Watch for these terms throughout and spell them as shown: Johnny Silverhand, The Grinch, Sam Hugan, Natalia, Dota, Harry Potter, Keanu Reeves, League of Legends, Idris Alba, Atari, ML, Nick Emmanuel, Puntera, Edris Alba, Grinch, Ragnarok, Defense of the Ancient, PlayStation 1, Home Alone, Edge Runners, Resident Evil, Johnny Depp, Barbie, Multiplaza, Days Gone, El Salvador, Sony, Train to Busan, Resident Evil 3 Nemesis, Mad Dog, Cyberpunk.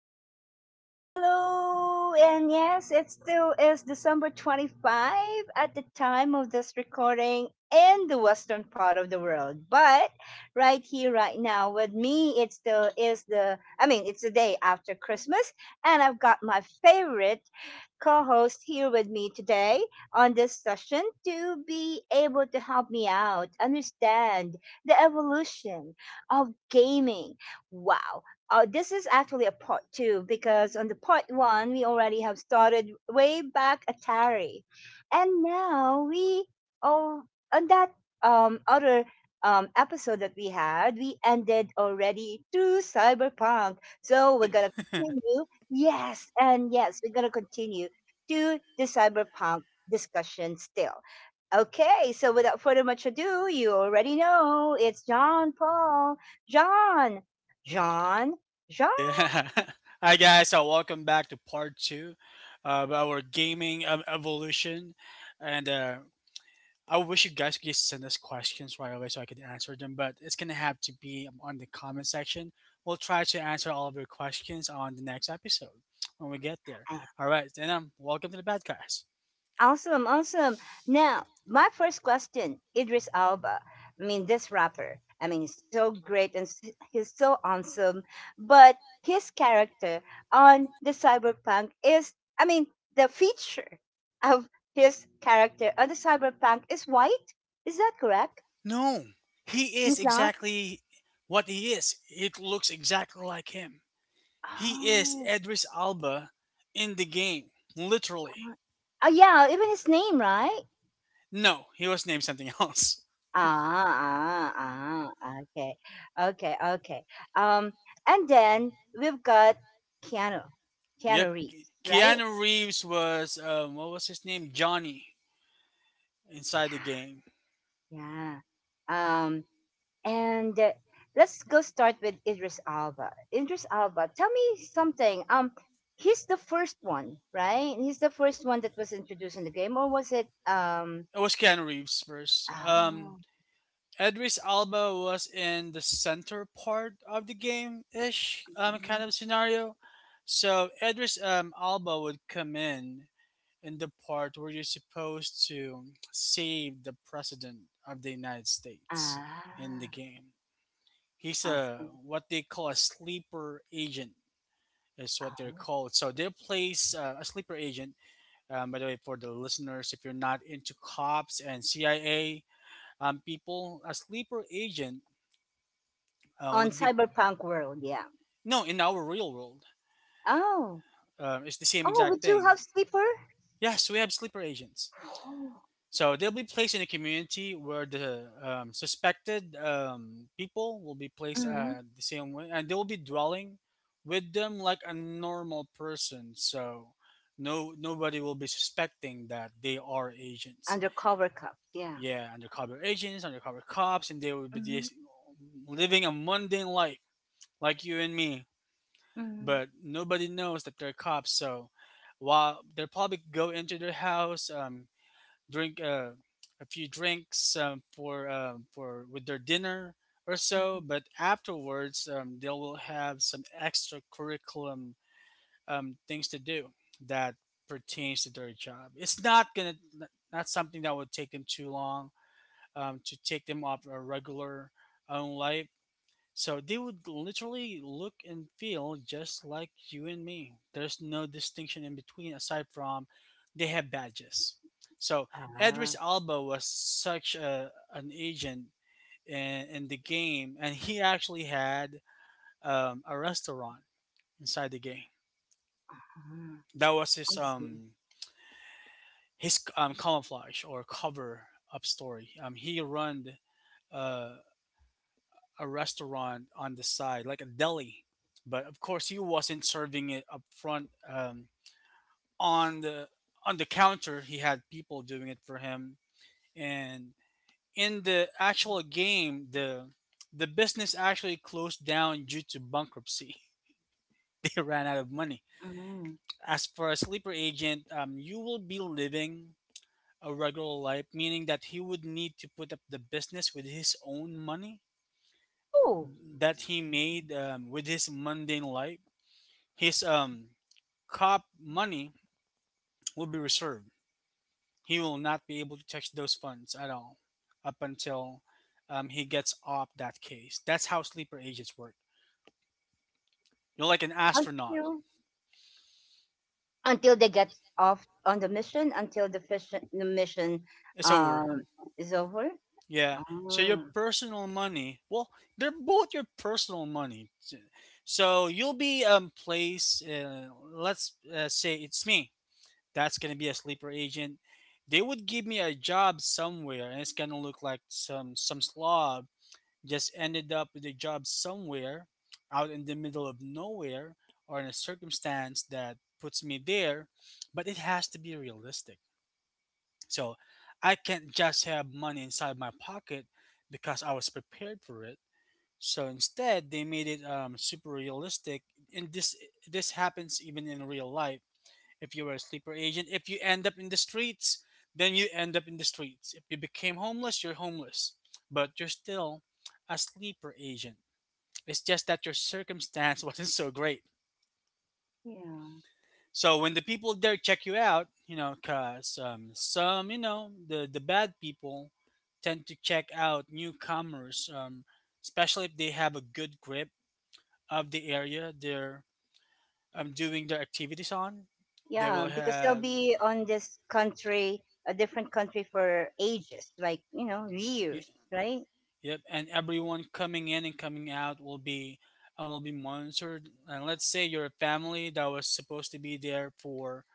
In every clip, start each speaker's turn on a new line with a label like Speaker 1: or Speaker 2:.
Speaker 1: Ali. Hello, and yes, it still is December 25 at the time of this recording in the western part of the world. But right here, right now, with me, it still is it's the day after Christmas, and I've got my favorite co host here with me today on this session to be able to help me out understand the evolution of gaming. Wow. This is actually a part two because on the part one, we already have started way back Atari. And now we, oh, on that other episode that we had, we ended already through Cyberpunk. So we're
Speaker 2: Yep.
Speaker 1: going to continue. Yes, and we're gonna continue to the cyberpunk discussion still. Okay, so without further much ado, you already know it's John Paul, John, John, John.
Speaker 2: Yeah. Hi guys, so welcome back to part two of our gaming evolution, and I wish you guys could just send us questions right away so I could answer them. But it's gonna have to be on the comment section. We'll try to answer all of your questions on the next episode when we get there. All right, then welcome to the bad guys.
Speaker 1: Awesome, awesome. Now, my first question, Idris Alba. I mean, this rapper. I mean, he's so great and he's so awesome. But his character on the cyberpunk is, I mean, the feature of his character on the cyberpunk is white. Is that correct?
Speaker 2: No, he is
Speaker 1: He's not.
Speaker 2: exactly what he is. It looks exactly like him. He is
Speaker 1: Oh,
Speaker 2: Edris Alba in the game, literally.
Speaker 1: yeah. Even his name, right?
Speaker 2: No, he was named something else.
Speaker 1: Ah. Okay, okay. Um, and then we've got Keanu,
Speaker 2: Yep,
Speaker 1: Keanu Reeves, right?
Speaker 2: Keanu Reeves was what was his name? Johnny
Speaker 1: Yeah,
Speaker 2: inside the game.
Speaker 1: yeah. Um, and Let's go start with Idris Alba. Idris Alba, tell me something. He's the first one, right? He's the first one that was introduced in the game, or was it?
Speaker 2: It was Keanu Reeves first.
Speaker 1: Oh,
Speaker 2: Edris Alba was in the center part of the game ish
Speaker 1: mm,
Speaker 2: kind of scenario. So Edris Alba would come in the part where you're supposed to save the president of the United States in the
Speaker 1: ah,
Speaker 2: game. He's
Speaker 1: I
Speaker 2: a
Speaker 1: see.
Speaker 2: what they call a sleeper agent is what they're
Speaker 1: Oh,
Speaker 2: called. So they place a sleeper agent. By the way, for the listeners, if you're not into cops and CIA people, a sleeper agent
Speaker 1: on
Speaker 2: would be
Speaker 1: Cyberpunk World, yeah.
Speaker 2: no in our real world.
Speaker 1: Oh.
Speaker 2: It's the same
Speaker 1: Oh,
Speaker 2: exact
Speaker 1: would you
Speaker 2: thing.
Speaker 1: have slipper?
Speaker 2: Yes, we have sleeper agents.
Speaker 1: Oh.
Speaker 2: So they'll be placed in a community where the suspected people will be placed
Speaker 1: Mm-hmm.
Speaker 2: the same way, and they will be dwelling with them like a normal person. So no nobody will be suspecting that they are agents.
Speaker 1: Undercover cups, yeah.
Speaker 2: Yeah, undercover agents, undercover cops, and they will be
Speaker 1: Mm-hmm.
Speaker 2: just living a mundane life like you and me.
Speaker 1: Mm-hmm.
Speaker 2: But nobody knows that they're cops. So while they'll probably go into their house, drink a few drinks for with their dinner or so. But afterwards, they will have some extra curriculum things to do that pertains to their job. It's not something that would take them too long to take them off a regular own life, so they would literally look and feel just like you and me. There's no distinction in between aside from they have badges. So Edris
Speaker 1: Ah,
Speaker 2: Alba was such an agent in the game, and he actually had a restaurant inside the game.
Speaker 1: ah,
Speaker 2: That was
Speaker 1: I
Speaker 2: his
Speaker 1: see.
Speaker 2: camouflage or cover up story. He run uh, a restaurant on the side, like a deli. But of course, he wasn't serving it up front on the on the counter. He had people doing it for him, and in the actual game, the business actually closed down due to bankruptcy. They ran out of money.
Speaker 1: Mm.
Speaker 2: As for a sleeper agent, you will be living a regular life, meaning that he would need to put up the business with his own money
Speaker 1: Oh,
Speaker 2: that he made with his mundane life. His cop money will be reserved. He will not be able to touch those funds at all up until he gets off that case. That's how sleeper agents work. You're like an astronaut.
Speaker 1: until until they get off on the mission, until the fission, the mission
Speaker 2: It's over.
Speaker 1: um is over.
Speaker 2: Yeah. So your
Speaker 1: Oh,
Speaker 2: personal money, well, they're both your personal money. So you'll be placed. Let's say it's me. That's gonna be a sleeper agent. They would give me a job somewhere, and it's gonna look like some slob just ended up with a job somewhere out in the middle of nowhere or in a circumstance that puts me there, but it has to be realistic. So I can't just have money inside my pocket because I was prepared for it. So instead, they made it super realistic, and this happens even in real life. If you were a sleeper agent, if you end up in the streets, then you end up in the streets. If you became homeless, you're homeless, but you're still a sleeper agent. It's just that your circumstance wasn't so great.
Speaker 1: yeah,
Speaker 2: So when the people there check you out, you know, cause some, you know, the bad people tend to check out newcomers, especially if they have a good grip of the area they're doing their activities on. They will
Speaker 1: yeah, because they'll
Speaker 2: have
Speaker 1: be on this country, a different country for ages, like you know, years, right?
Speaker 2: yep, and everyone coming in and coming out will be and will be monitored. And let's say your family that was supposed to be there for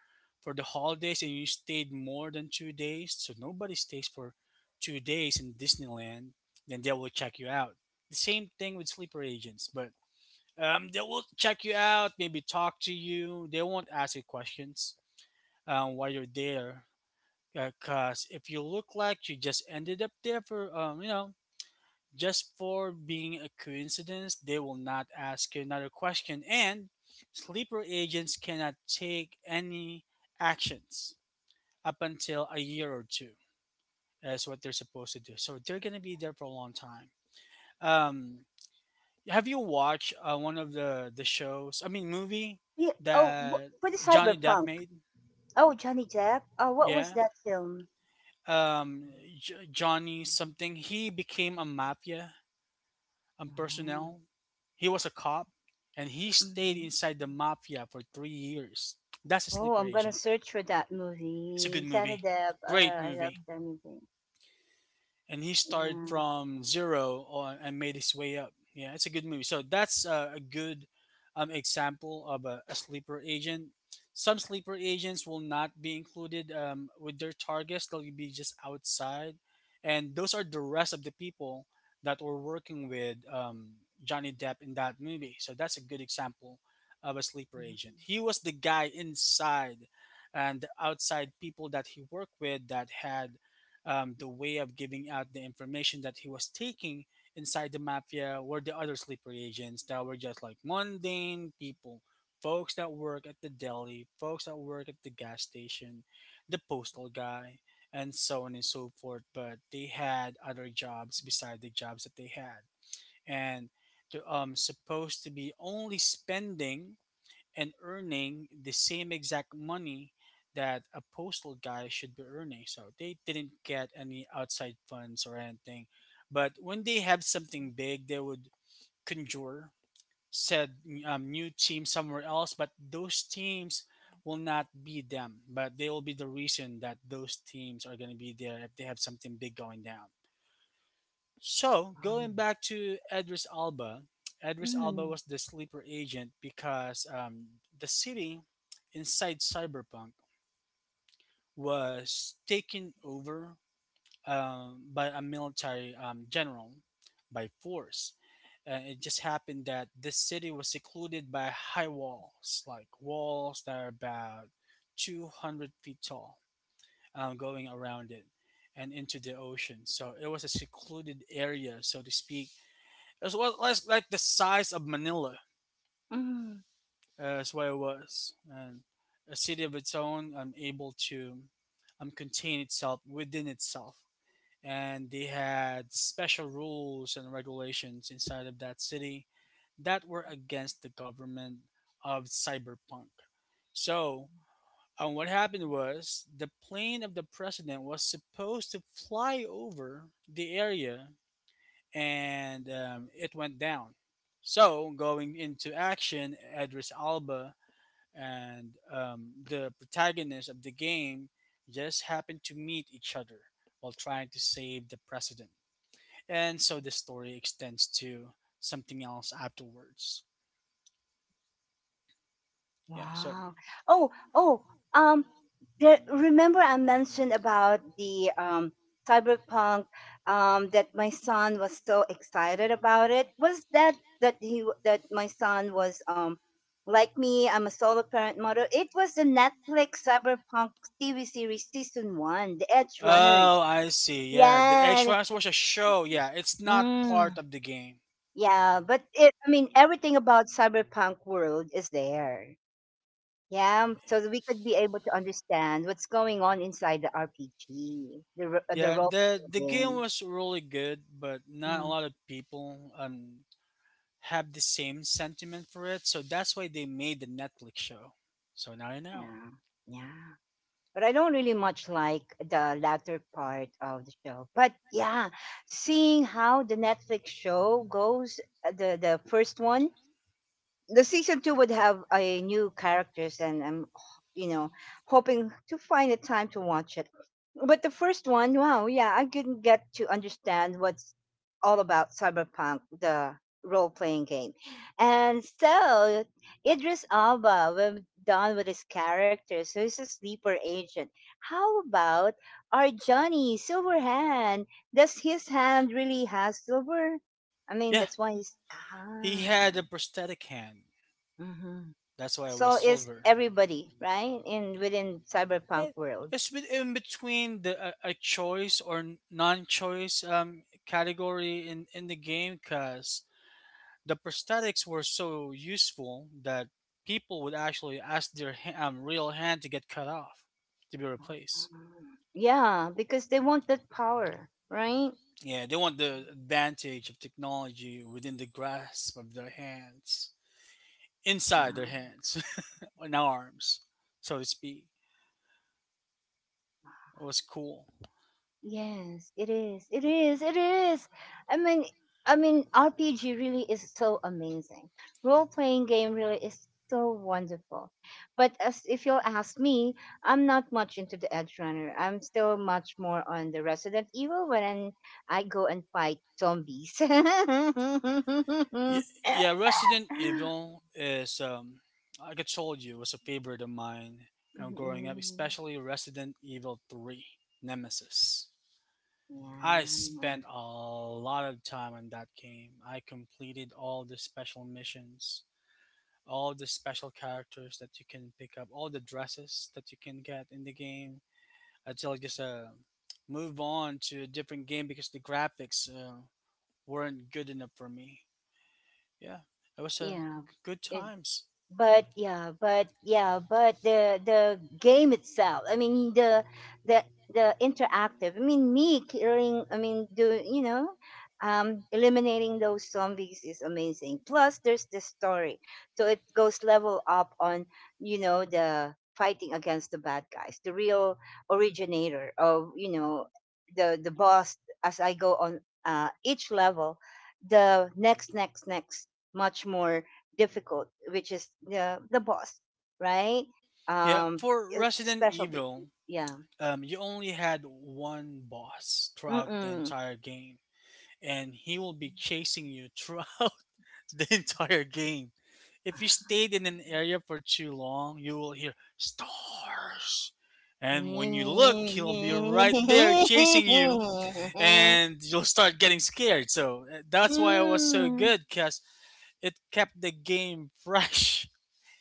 Speaker 2: the holidays and you stayed more than 2 days, so nobody stays for 2 days in Disneyland, then they will check you out. The same thing with sleeper agents, but they will check you out, maybe talk to you. They won't ask you questions while you're there, because if you look like you just ended up there for just for being a coincidence, they will not ask you another question, and sleeper agents cannot take any actions up until a year or two. That's what they're supposed to do. So they're gonna be there for a long time. Um, have you watched one of the shows? I mean, movie
Speaker 1: Yeah.
Speaker 2: that
Speaker 1: For the
Speaker 2: Johnny Depp
Speaker 1: cyberpunk,
Speaker 2: made?
Speaker 1: oh, Johnny Depp. Oh, what was
Speaker 2: Yeah.
Speaker 1: that film?
Speaker 2: Um, Johnny something. He became a mafia
Speaker 1: Mm,
Speaker 2: personnel. He was a cop, and he stayed
Speaker 1: hmm.
Speaker 2: inside the mafia for 3 years. That's a
Speaker 1: Oh, I'm
Speaker 2: sleeper
Speaker 1: gonna
Speaker 2: agent.
Speaker 1: search for that
Speaker 2: It's a
Speaker 1: movie.
Speaker 2: good
Speaker 1: Johnny
Speaker 2: movie,
Speaker 1: Depp.
Speaker 2: great
Speaker 1: I love
Speaker 2: movie,
Speaker 1: Johnny Depp.
Speaker 2: and he started
Speaker 1: Yeah.
Speaker 2: from zero on, and made his way up. Yeah, it's a good movie. So that's a good example of a sleeper agent. Some sleeper agents will not be included with their targets; they'll be just outside, and those are the rest of the people that were working with Johnny Depp in that movie. So that's a good example of a sleeper agent. He was the guy inside, and the outside people that he worked with that had the way of giving out the information that he was taking inside the mafia were the other sleeper agents that were just like mundane people, folks that work at the deli, folks that work at the gas station, the postal guy, and so on and so forth. But they had other jobs beside the jobs that they had, and they're supposed to be only spending and earning the same exact money that a postal guy should be earning. So they didn't get any outside funds or anything. But when they have something big, they would conjure said new team somewhere else. But those teams will not be them, but they will be the reason that those teams are going to be there if they have something big going down. So going back to Edris Alba, Edris Alba
Speaker 1: Mm-hmm.
Speaker 2: was the sleeper agent because the city inside Cyberpunk was taken over by a military general by force. And it just happened that this city was secluded by high walls, like walls that are about 200 feet tall, going around it and into the ocean. So it was a secluded area, so to speak. It was like, the size of Manila,
Speaker 1: Hmm.
Speaker 2: is what it was, and a city of its own, able to contain itself within itself. And they had special rules and regulations inside of that city that were against the government of cyberpunk. So, what happened was the plane of the president was supposed to fly over the area, and it went down. So going into action, Edris Alba and the protagonist of the game just happened to meet each other while trying to save the president, and so the story extends to something else afterwards. Yeah. So.
Speaker 1: Wow. Oh, oh, um, remember I mentioned about the cyberpunk that my son was so excited about it. Was that that he w- That my son was like me, I'm a solo parent mother. It was the Netflix cyberpunk TV series season 1, The Edge Runners.
Speaker 2: Oh, I see. Yeah, the
Speaker 1: Yeah.
Speaker 2: extras was a show. Yeah, it's not part
Speaker 1: Mm,
Speaker 2: of the game.
Speaker 1: yeah, but I mean everything about cyberpunk world is there. Yeah, so that we could be able to understand what's going on inside the RPG, the
Speaker 2: Yeah,
Speaker 1: role
Speaker 2: the
Speaker 1: playing
Speaker 2: game
Speaker 1: game.
Speaker 2: was really good, but not a
Speaker 1: Mm,
Speaker 2: lot of people have the same sentiment for it. So that's why they made the Netflix show. So now you know.
Speaker 1: yeah, yeah. But I don't really much like the latter part of the show. But yeah, seeing how the Netflix show goes, the the first one, the season two would have a new characters, and I'm, you know, hoping to find a time to watch it. But the first one, wow, yeah, I didn't get to understand what's all about Cyberpunk, the role playing game. And so Idris Alba, when done with his character, so he's a sleeper agent. How about our Johnny Silverhand? Does his hand really have silver? I mean,
Speaker 2: Yeah,
Speaker 1: that's why he's
Speaker 2: he
Speaker 1: ah.
Speaker 2: had a prosthetic hand.
Speaker 1: Mm-hmm.
Speaker 2: That's why it
Speaker 1: So
Speaker 2: was
Speaker 1: is
Speaker 2: silver.
Speaker 1: everybody right in within cyberpunk
Speaker 2: Eh,
Speaker 1: world?
Speaker 2: It's been in between the a choice or non-choice category in the game because the prosthetics were so useful that people would actually ask their real hand to get cut off to be replaced.
Speaker 1: Yeah, because they want that power, right?
Speaker 2: Yeah, they want the advantage of technology within the grasp of their hands, inside their hands and arms, so to speak. It was cool.
Speaker 1: Yes, it is. It is. It is. I mean, I mean, RPG really is so amazing. Role playing game really is so wonderful. But as if you'll ask me, I'm not much into the Edge Runner. I'm still much more on the Resident Evil when I go and fight zombies.
Speaker 2: Yeah, yeah, Resident Evil is, like I told you, was a favorite of mine growing up,
Speaker 1: Mhm.
Speaker 2: especially Resident Evil 3 Nemesis. I
Speaker 1: Yeah,
Speaker 2: spent a lot of time on that game. I completed all the special missions, all the special characters that you can pick up, all the dresses that you can get in the game, until I just move on to a different game because the graphics weren't good enough for me. Yeah, it was
Speaker 1: yeah.
Speaker 2: good
Speaker 1: It
Speaker 2: times.
Speaker 1: but yeah but yeah but the game itself, I mean the the interactive, I mean me killing, I mean do you know eliminating those zombies is amazing, plus there's the story, so it goes level up on, you know, the fighting against the bad guys, the real originator of, you know, the boss, as I go on, each level, the next, much more difficult, which is the boss, right?
Speaker 2: Yeah,
Speaker 1: Um,
Speaker 2: for Resident
Speaker 1: specialty,
Speaker 2: Evil,
Speaker 1: yeah.
Speaker 2: you only had one boss throughout the
Speaker 1: Mm-mm.
Speaker 2: entire game, and he will be chasing you throughout the entire game. If you stayed in an area for too long, you will hear stars. And when you look, he'll be right there chasing you. And you'll start getting scared. So that's why it was so
Speaker 1: Mm.
Speaker 2: good because it kept the game fresh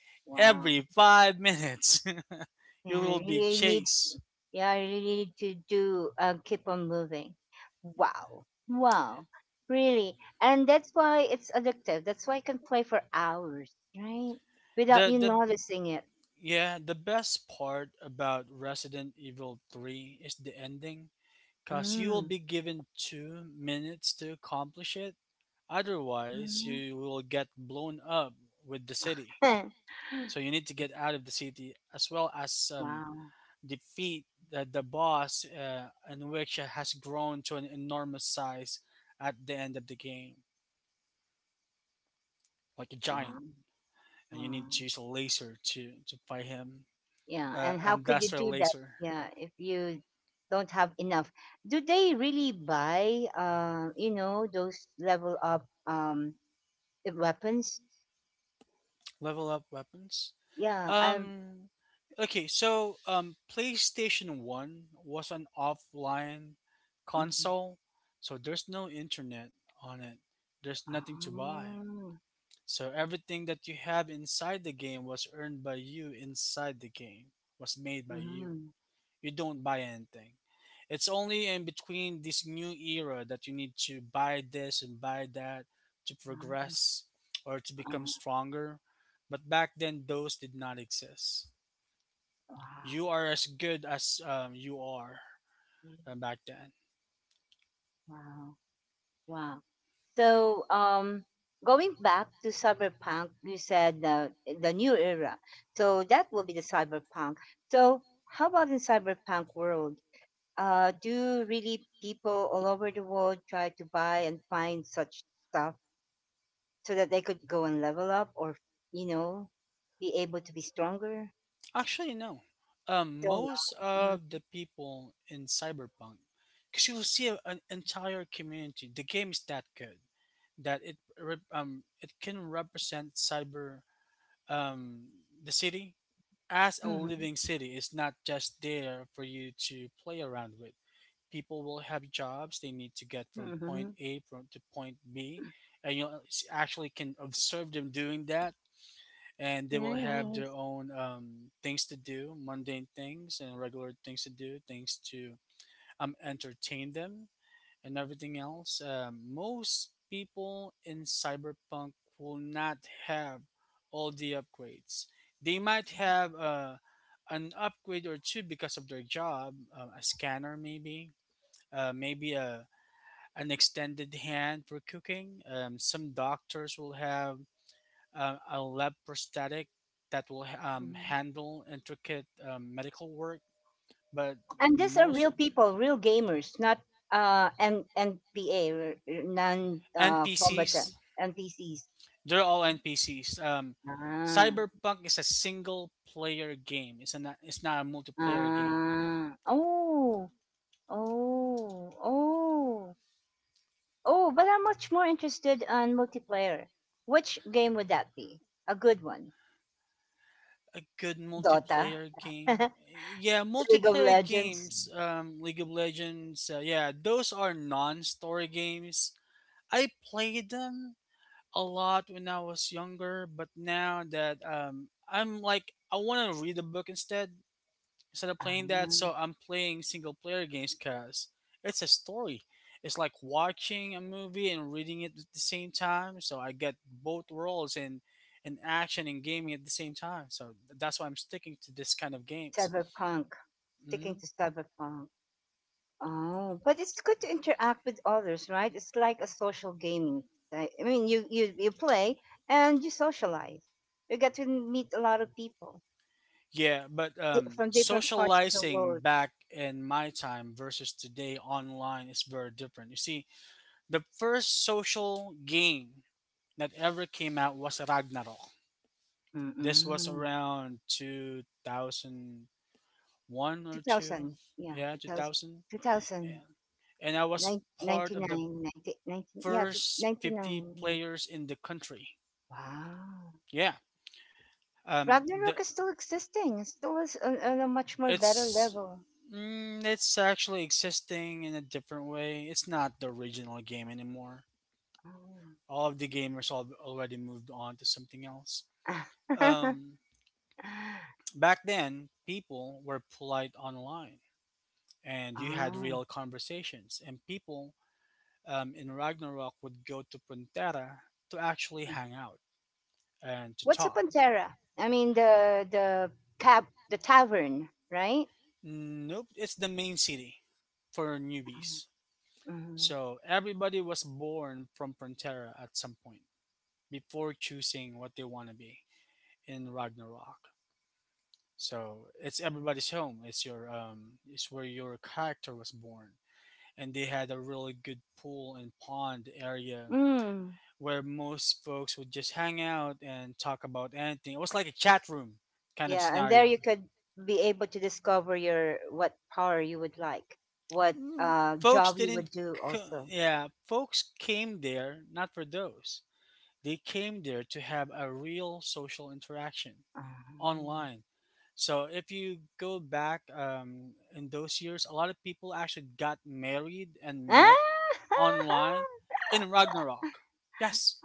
Speaker 1: Wow.
Speaker 2: every 5 minutes.
Speaker 1: Yeah,
Speaker 2: You
Speaker 1: I
Speaker 2: will be
Speaker 1: really need.
Speaker 2: chased.
Speaker 1: Yeah, I really need to do. Keep on moving. Wow. Wow. Really, and that's why it's addictive. That's why I can play for hours, right? Without you
Speaker 2: The
Speaker 1: noticing it.
Speaker 2: Yeah, the best part about Resident Evil 3 is the ending because you will
Speaker 1: Mm.
Speaker 2: be given 2 minutes to accomplish it. Otherwise, you will get blown up with the city.
Speaker 1: Mm.
Speaker 2: So you need to get out of the city as well as
Speaker 1: Wow.
Speaker 2: defeat the boss, and which has grown to an enormous size at the end of the game, like a giant.
Speaker 1: Wow.
Speaker 2: And you need to
Speaker 1: Wow.
Speaker 2: use a laser to fight him.
Speaker 1: Yeah. And how
Speaker 2: And
Speaker 1: could
Speaker 2: that's
Speaker 1: you
Speaker 2: their
Speaker 1: do that?
Speaker 2: laser.
Speaker 1: Yeah. If you don't have enough, do they really buy, you know, those level up the weapons?
Speaker 2: Level up weapons.
Speaker 1: Yeah. I.
Speaker 2: Um, okay, so PlayStation 1 was an offline
Speaker 1: Mm-hmm.
Speaker 2: console, so there's no internet on it, there's nothing to buy.
Speaker 1: Oh,
Speaker 2: So everything that you have inside the game was earned by you inside the game, was made by you.
Speaker 1: mm-hmm.
Speaker 2: You don't buy anything. It's only in between this new era that you need to buy this and buy that to
Speaker 1: Wow.
Speaker 2: progress or to become
Speaker 1: Wow.
Speaker 2: stronger. But back then, those did not exist. You are as good as you are back then.
Speaker 1: Wow. Wow. So, going back to cyberpunk, you said the new era. So that will be the cyberpunk. So how about in cyberpunk world? Do really people all over the world try to buy and find such stuff so that they could go and level up or, you know, be able to be stronger?
Speaker 2: Actually, no.
Speaker 1: Still no.
Speaker 2: Most
Speaker 1: Mm-hmm.
Speaker 2: of the people in Cyberpunk, because you'll see an entire community. The game is that good that it can represent cyber um the city as a
Speaker 1: Mm-hmm.
Speaker 2: living city. It's not just there for you to play around with. People will have jobs they need to get from
Speaker 1: Mm-hmm.
Speaker 2: point A from to point B, and you actually can observe them doing that, and they will have their
Speaker 1: Nice.
Speaker 2: own things to do, mundane things and regular things to do, things to entertain them and everything else. Most people in Cyberpunk will not have all the upgrades. They might have an upgrade or two because of their job, a scanner maybe, maybe a an extended hand for cooking. Some doctors will have a lab prosthetic that will
Speaker 1: Mm-hmm.
Speaker 2: handle intricate medical work. But
Speaker 1: And these are
Speaker 2: most
Speaker 1: real people, real gamers, not N NPA, non
Speaker 2: NPCs,
Speaker 1: combatant NPCs.
Speaker 2: they're all NPCs.
Speaker 1: Ah,
Speaker 2: Cyberpunk is a single player game. It's not a multiplayer game.
Speaker 1: ah, oh, oh, oh, oh. But I'm much more interested on multiplayer. Which game would that be? A good one.
Speaker 2: A good
Speaker 1: Dota,
Speaker 2: multiplayer game. Yeah,
Speaker 1: League of
Speaker 2: multiplayer
Speaker 1: Legends,
Speaker 2: games. League of Legends. Yeah, those are non-story games. I played them a lot when I was younger, but now that I'm like I want to read a book instead of
Speaker 1: ah,
Speaker 2: playing that. So I'm playing single player games because it's a story. It's like watching a movie and reading it at the same time. So I get both worlds in action and gaming at the same time. So that's why I'm sticking to this kind of games.
Speaker 1: Cyberpunk. Sticking
Speaker 2: hmm
Speaker 1: to Cyberpunk. Oh, but it's good to interact with others, right? It's like a social gaming, right? I mean, you play and you socialize. You get to meet a lot of people
Speaker 2: Yeah, but
Speaker 1: di- from different parts of the
Speaker 2: socializing
Speaker 1: world.
Speaker 2: back in my time versus today online is very different. You see, the first social game that ever came out was Ragnarok. This was
Speaker 1: Mm-mm.
Speaker 2: around 2001 or 2.
Speaker 1: 2000, yeah,
Speaker 2: Yeah,
Speaker 1: 2000,
Speaker 2: 2000. Yeah. And I was part of the
Speaker 1: yeah, two-
Speaker 2: first 50
Speaker 1: 99, yeah.
Speaker 2: players in the country.
Speaker 1: Wow.
Speaker 2: Yeah. Um the,
Speaker 1: Ragnarok is still existing. It still is on a much more better
Speaker 2: it's
Speaker 1: level.
Speaker 2: it's actually existing in a different way. It's not the original game anymore.
Speaker 1: Oh.
Speaker 2: All of the gamers already moved on to something else. Um, back then, people were polite online, and you had
Speaker 1: Ah.
Speaker 2: real conversations. And people in Ragnarok would go to Puntera to actually hang out and to
Speaker 1: What's a
Speaker 2: talk.
Speaker 1: Pantera? I mean the cab, the tavern, right?
Speaker 2: Nope, it's the main city for newbies.
Speaker 1: Mhm.
Speaker 2: So everybody was born from Puntera at some point before choosing what they want to be in Ragnarok. So it's everybody's home. It's your it's where your character was born. And they had a really good pool and pond area
Speaker 1: Mm.
Speaker 2: where most folks would just hang out and talk about anything. It was like a chat room kind of
Speaker 1: Yeah, and there
Speaker 2: scenario.
Speaker 1: you could be able to discover your what power you would like, what
Speaker 2: Mm, Folks
Speaker 1: job you
Speaker 2: didn't,
Speaker 1: would do
Speaker 2: co-
Speaker 1: also.
Speaker 2: yeah, folks came there not for those. They came there to have a real social interaction
Speaker 1: Ah.
Speaker 2: online. So if you go back in those years, a lot of people actually got married and met online in Ragnarok. Yes,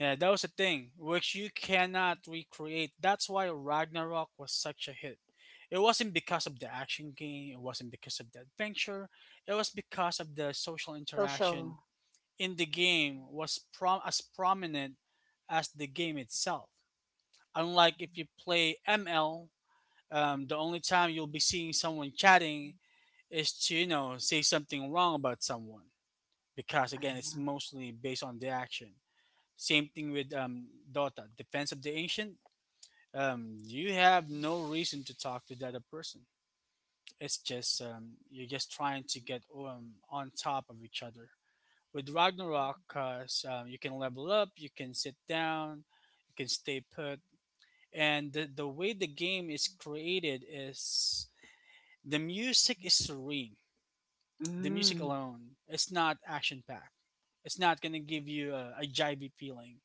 Speaker 2: yeah, that was a thing, which you cannot recreate. That's why Ragnarok was such a hit. It wasn't because of the action game, it wasn't because of the adventure, it was because of the social interaction
Speaker 1: Social.
Speaker 2: in the game was as prominent as the game itself. Unlike if you play ML, the only time you'll be seeing someone chatting is to, you know, say something wrong about someone. Because again, it's mostly based on the action. Same thing with Dota, Defense of the Ancient. You have no reason to talk to the other person. It's just you're just trying to get on top of each other. With Ragnarok, so you can level up, you can sit down, you can stay put, and the way the game is created is the music is serene. The music
Speaker 1: Mm.
Speaker 2: alone, it's not action packed. It's not gonna give you a jivey feeling.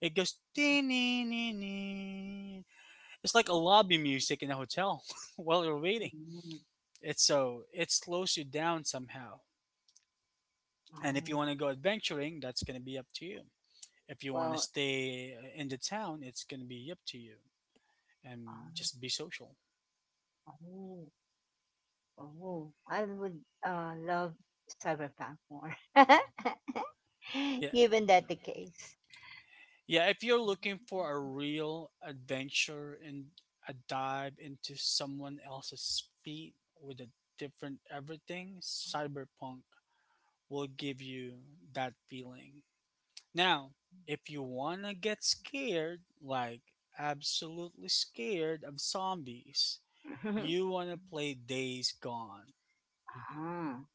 Speaker 2: It goes "Dee-nee-nee-nee." It's like a lobby music in a hotel while you're waiting.
Speaker 1: Mm.
Speaker 2: It's so it slows you down somehow. And if you
Speaker 1: Oh.
Speaker 2: want to go adventuring, that's going to be up to you. If you want to
Speaker 1: Well.
Speaker 2: stay in the town, it's going to be up to you and
Speaker 1: Oh.
Speaker 2: just be social.
Speaker 1: Oh. Oh, I would, love Cyberpunk more.
Speaker 2: Yeah.
Speaker 1: Given that the case.
Speaker 2: Yeah, if you're looking for a real adventure and a dive into someone else's feet with a different everything, cyberpunk will give you that feeling. Now, if you wanna get scared, like absolutely scared of zombies, you wanna play Days Gone.
Speaker 1: Ah,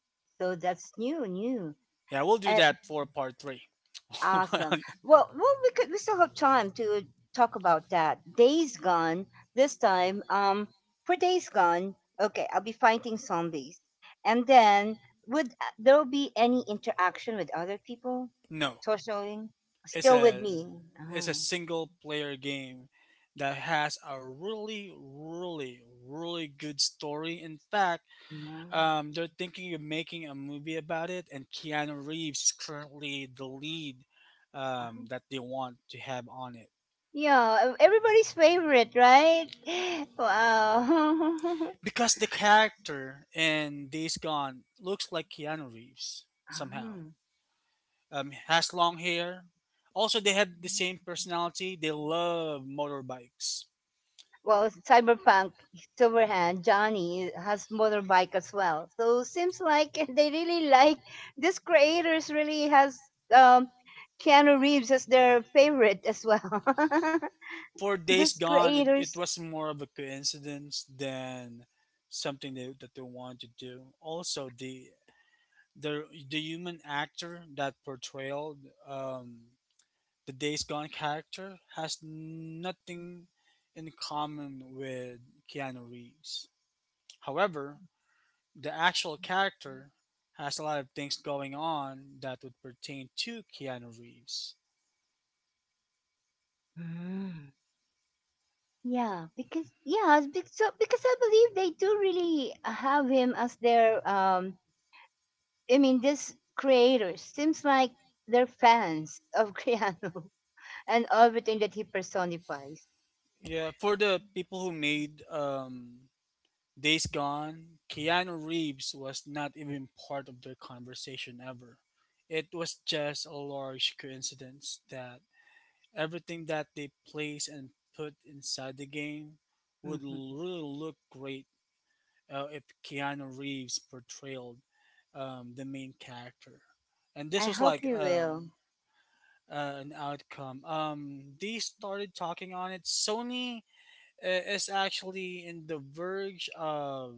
Speaker 1: so that's new, new.
Speaker 2: Yeah, we'll do
Speaker 1: Uh,
Speaker 2: that for part 3.
Speaker 1: awesome. Well, we could we still have time to talk about that. Days Gone. This time, for Days Gone. Okay, I'll be fighting zombies, and then would there be any interaction with other people?
Speaker 2: No,
Speaker 1: Socialing
Speaker 2: it's
Speaker 1: still with
Speaker 2: a
Speaker 1: me.
Speaker 2: it's a
Speaker 1: Ah,
Speaker 2: single player game that has a really, really, really good story. In fact,
Speaker 1: no.
Speaker 2: they're thinking of making a movie about it, and Keanu Reeves is currently the lead that they want to have on it.
Speaker 1: Yeah, everybody's favorite, right? Wow.
Speaker 2: Because the character in Days Gone looks like Keanu Reeves somehow.
Speaker 1: Ah,
Speaker 2: Has long hair. Also, they have the same personality. They love motorbikes.
Speaker 1: well, Cyberpunk, Silverhand, Johnny has motorbike as well. So seems like they really like this creators really has um Keanu Reeves as their favorite as well.
Speaker 2: For Days
Speaker 1: This
Speaker 2: Gone, it
Speaker 1: creators
Speaker 2: was more of a coincidence than something that they wanted to do. Also, the human actor that portrayed um, the Days Gone character has nothing in common with Keanu Reeves. However, the actual character has a lot of things going on that would pertain to Keanu Reeves.
Speaker 1: mm. Yeah, because so because I believe they do really have him as their um, I mean this creators seems like they're fans of Criano and everything that he personifies.
Speaker 2: Yeah, for the people who made Days Gone, Keanu Reeves was not even part of their conversation ever. It was just a large coincidence that everything that they place and put inside the game would
Speaker 1: Hmm.
Speaker 2: really look great if Keanu Reeves portrayed the main character, and this
Speaker 1: I
Speaker 2: was
Speaker 1: hope
Speaker 2: like
Speaker 1: he will.
Speaker 2: an outcome. They started talking on it. Sony is actually in the verge of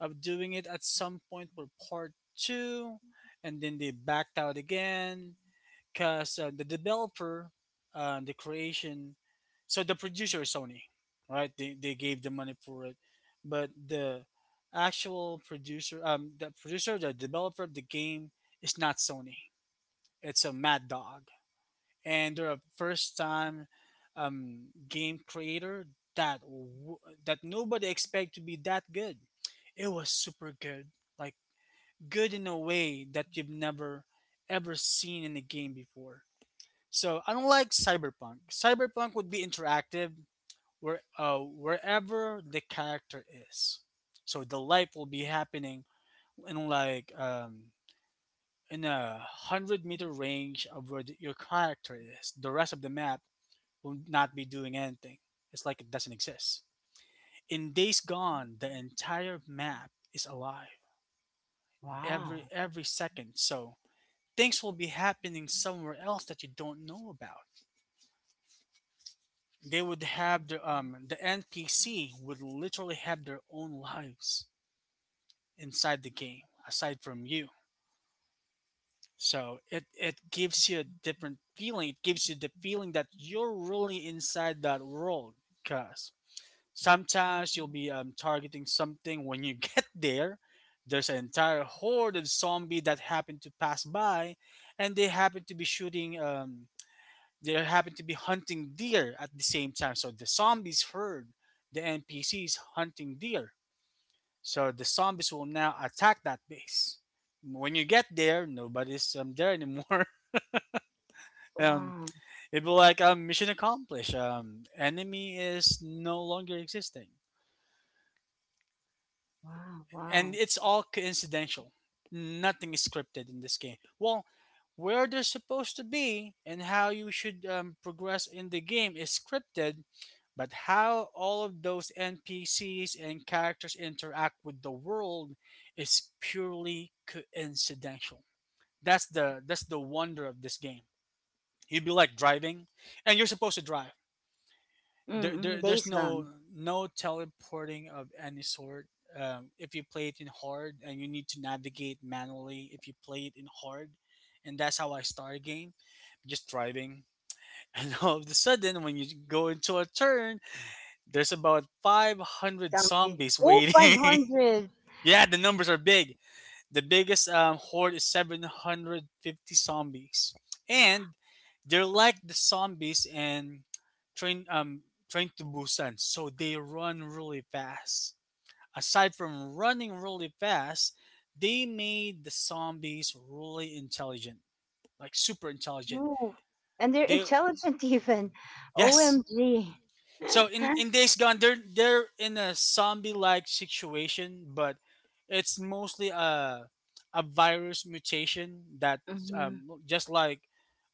Speaker 2: doing it at some point for part 2, and then they backed out again because the creation, so the producer is Sony, right? They gave the money for it, but the actual producer, the developer of the game is not Sony. It's a Mad Dog, and they're a first time game creator that w- that nobody expect to be that good. It was super good, like good in a way that you've never ever seen in a game before. So unlike Cyberpunk, Cyberpunk would be interactive where wherever the character is. So the life will be happening in like in 100 meter range of where your character is. The rest of the map will not be doing anything. It's like it doesn't exist. In Days Gone, the entire map is alive
Speaker 1: Wow.
Speaker 2: every second. So things will be happening somewhere else that you don't know about. They would have their the npc would literally have their own lives inside the game aside from you. So it gives you a different feeling, it gives you the feeling that you're really inside that world, because sometimes you'll be targeting something when you get there, there's an entire horde of zombie that happen to pass by, and they happen to be shooting they happen to be hunting deer at the same time. So the zombies heard the NPCs hunting deer. So the zombies will now attack that base. When you get there, nobody's there anymore. um,
Speaker 1: Wow.
Speaker 2: it will be like mission accomplished. Enemy is no longer existing.
Speaker 1: Wow. Wow.
Speaker 2: And it's all coincidental. Nothing is scripted in this game. Well, where they're supposed to be and how you should progress in the game is scripted, but how all of those NPCs and characters interact with the world is purely coincidental. That's the wonder of this game. You'd be like driving, and you're supposed to drive,
Speaker 1: Mm-hmm.
Speaker 2: there's
Speaker 1: Days gone.
Speaker 2: no teleporting of any sort. If you play it in hard and you need to navigate manually, if you play it in hard, and that's how I start a game, just driving. And all of a sudden, when you go into a turn, there's about 500
Speaker 1: Somebody.
Speaker 2: zombies
Speaker 1: Oh,
Speaker 2: waiting.
Speaker 1: 500.
Speaker 2: Yeah, the numbers are big. The biggest horde is 750 zombies, and they're like the zombies in Train um Train to Busan, so they run really fast. Aside from running really fast, they made the zombies really intelligent, like super intelligent.
Speaker 1: Ooh. And they're
Speaker 2: They
Speaker 1: intelligent even.
Speaker 2: Yes.
Speaker 1: OMG.
Speaker 2: So in Days Gone, they're in a zombie-like situation, but it's mostly a virus mutation that look just like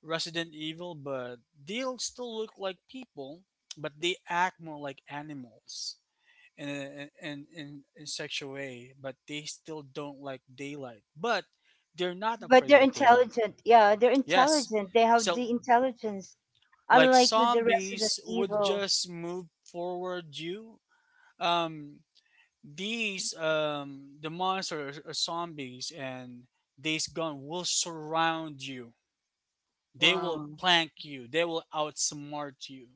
Speaker 2: Resident Evil, but they'll still look like people, but they act more like animals in a, in in in such a way. But they still don't like daylight, but they're not
Speaker 1: But
Speaker 2: afraid
Speaker 1: they're
Speaker 2: of daylight.
Speaker 1: intelligent. Yeah, they're
Speaker 2: Yes.
Speaker 1: intelligent. They have the
Speaker 2: So
Speaker 1: intelligence,
Speaker 2: like
Speaker 1: unlike with the Resident
Speaker 2: zombies would
Speaker 1: Evil.
Speaker 2: just move forward you, um the monsters or zombies and these gun will surround you, they will
Speaker 1: Wow.
Speaker 2: plank you, they will outsmart you,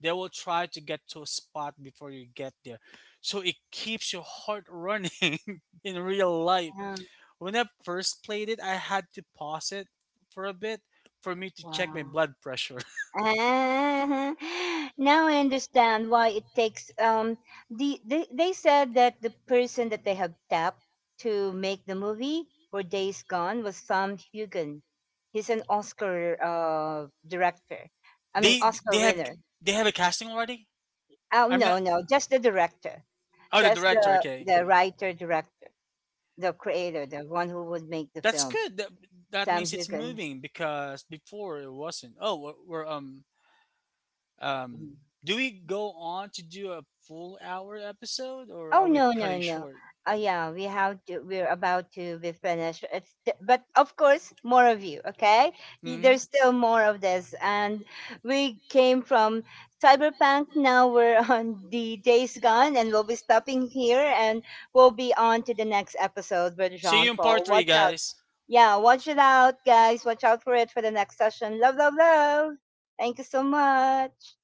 Speaker 2: they will try to get to a spot before you get there, so it keeps your heart running in real life.
Speaker 1: Yeah.
Speaker 2: When I first played it, I had to pause it for a bit for me to check my
Speaker 1: Wow.
Speaker 2: blood pressure.
Speaker 1: Ah, now I understand why it takes they said that the person that they have tapped to make the movie for Days Gone was Sam Hugan. He's an Oscar director. I mean
Speaker 2: They they
Speaker 1: Oscar
Speaker 2: have
Speaker 1: winner.
Speaker 2: they have a casting already.
Speaker 1: Oh
Speaker 2: I'm not.
Speaker 1: no, no, just the director.
Speaker 2: Oh, the
Speaker 1: Just
Speaker 2: director.
Speaker 1: the
Speaker 2: Okay,
Speaker 1: the
Speaker 2: okay.
Speaker 1: writer director, the creator, the one who would make the
Speaker 2: That's
Speaker 1: film,
Speaker 2: good. That
Speaker 1: Sam
Speaker 2: means it's
Speaker 1: Hugan.
Speaker 2: moving because before it wasn't. Oh, we're um.
Speaker 1: Mhm.
Speaker 2: Do we go on to do a full hour episode or
Speaker 1: Oh
Speaker 2: are we
Speaker 1: no, no,
Speaker 2: cutting
Speaker 1: no.
Speaker 2: short?
Speaker 1: Oh yeah, we have to. We're about to be finished. It's th- but of course, more of you. Okay, Y- there's
Speaker 2: Hmm.
Speaker 1: still more of this, and we came from cyberpunk. Now we're on the days gone, and we'll be stopping here, and we'll be on to the next episode with
Speaker 2: See
Speaker 1: Jean
Speaker 2: you in
Speaker 1: Paul.
Speaker 2: part 3,
Speaker 1: Watch out!
Speaker 2: guys.
Speaker 1: Yeah, watch it out, guys. Watch out for it for the next session. Love. Thank you so much.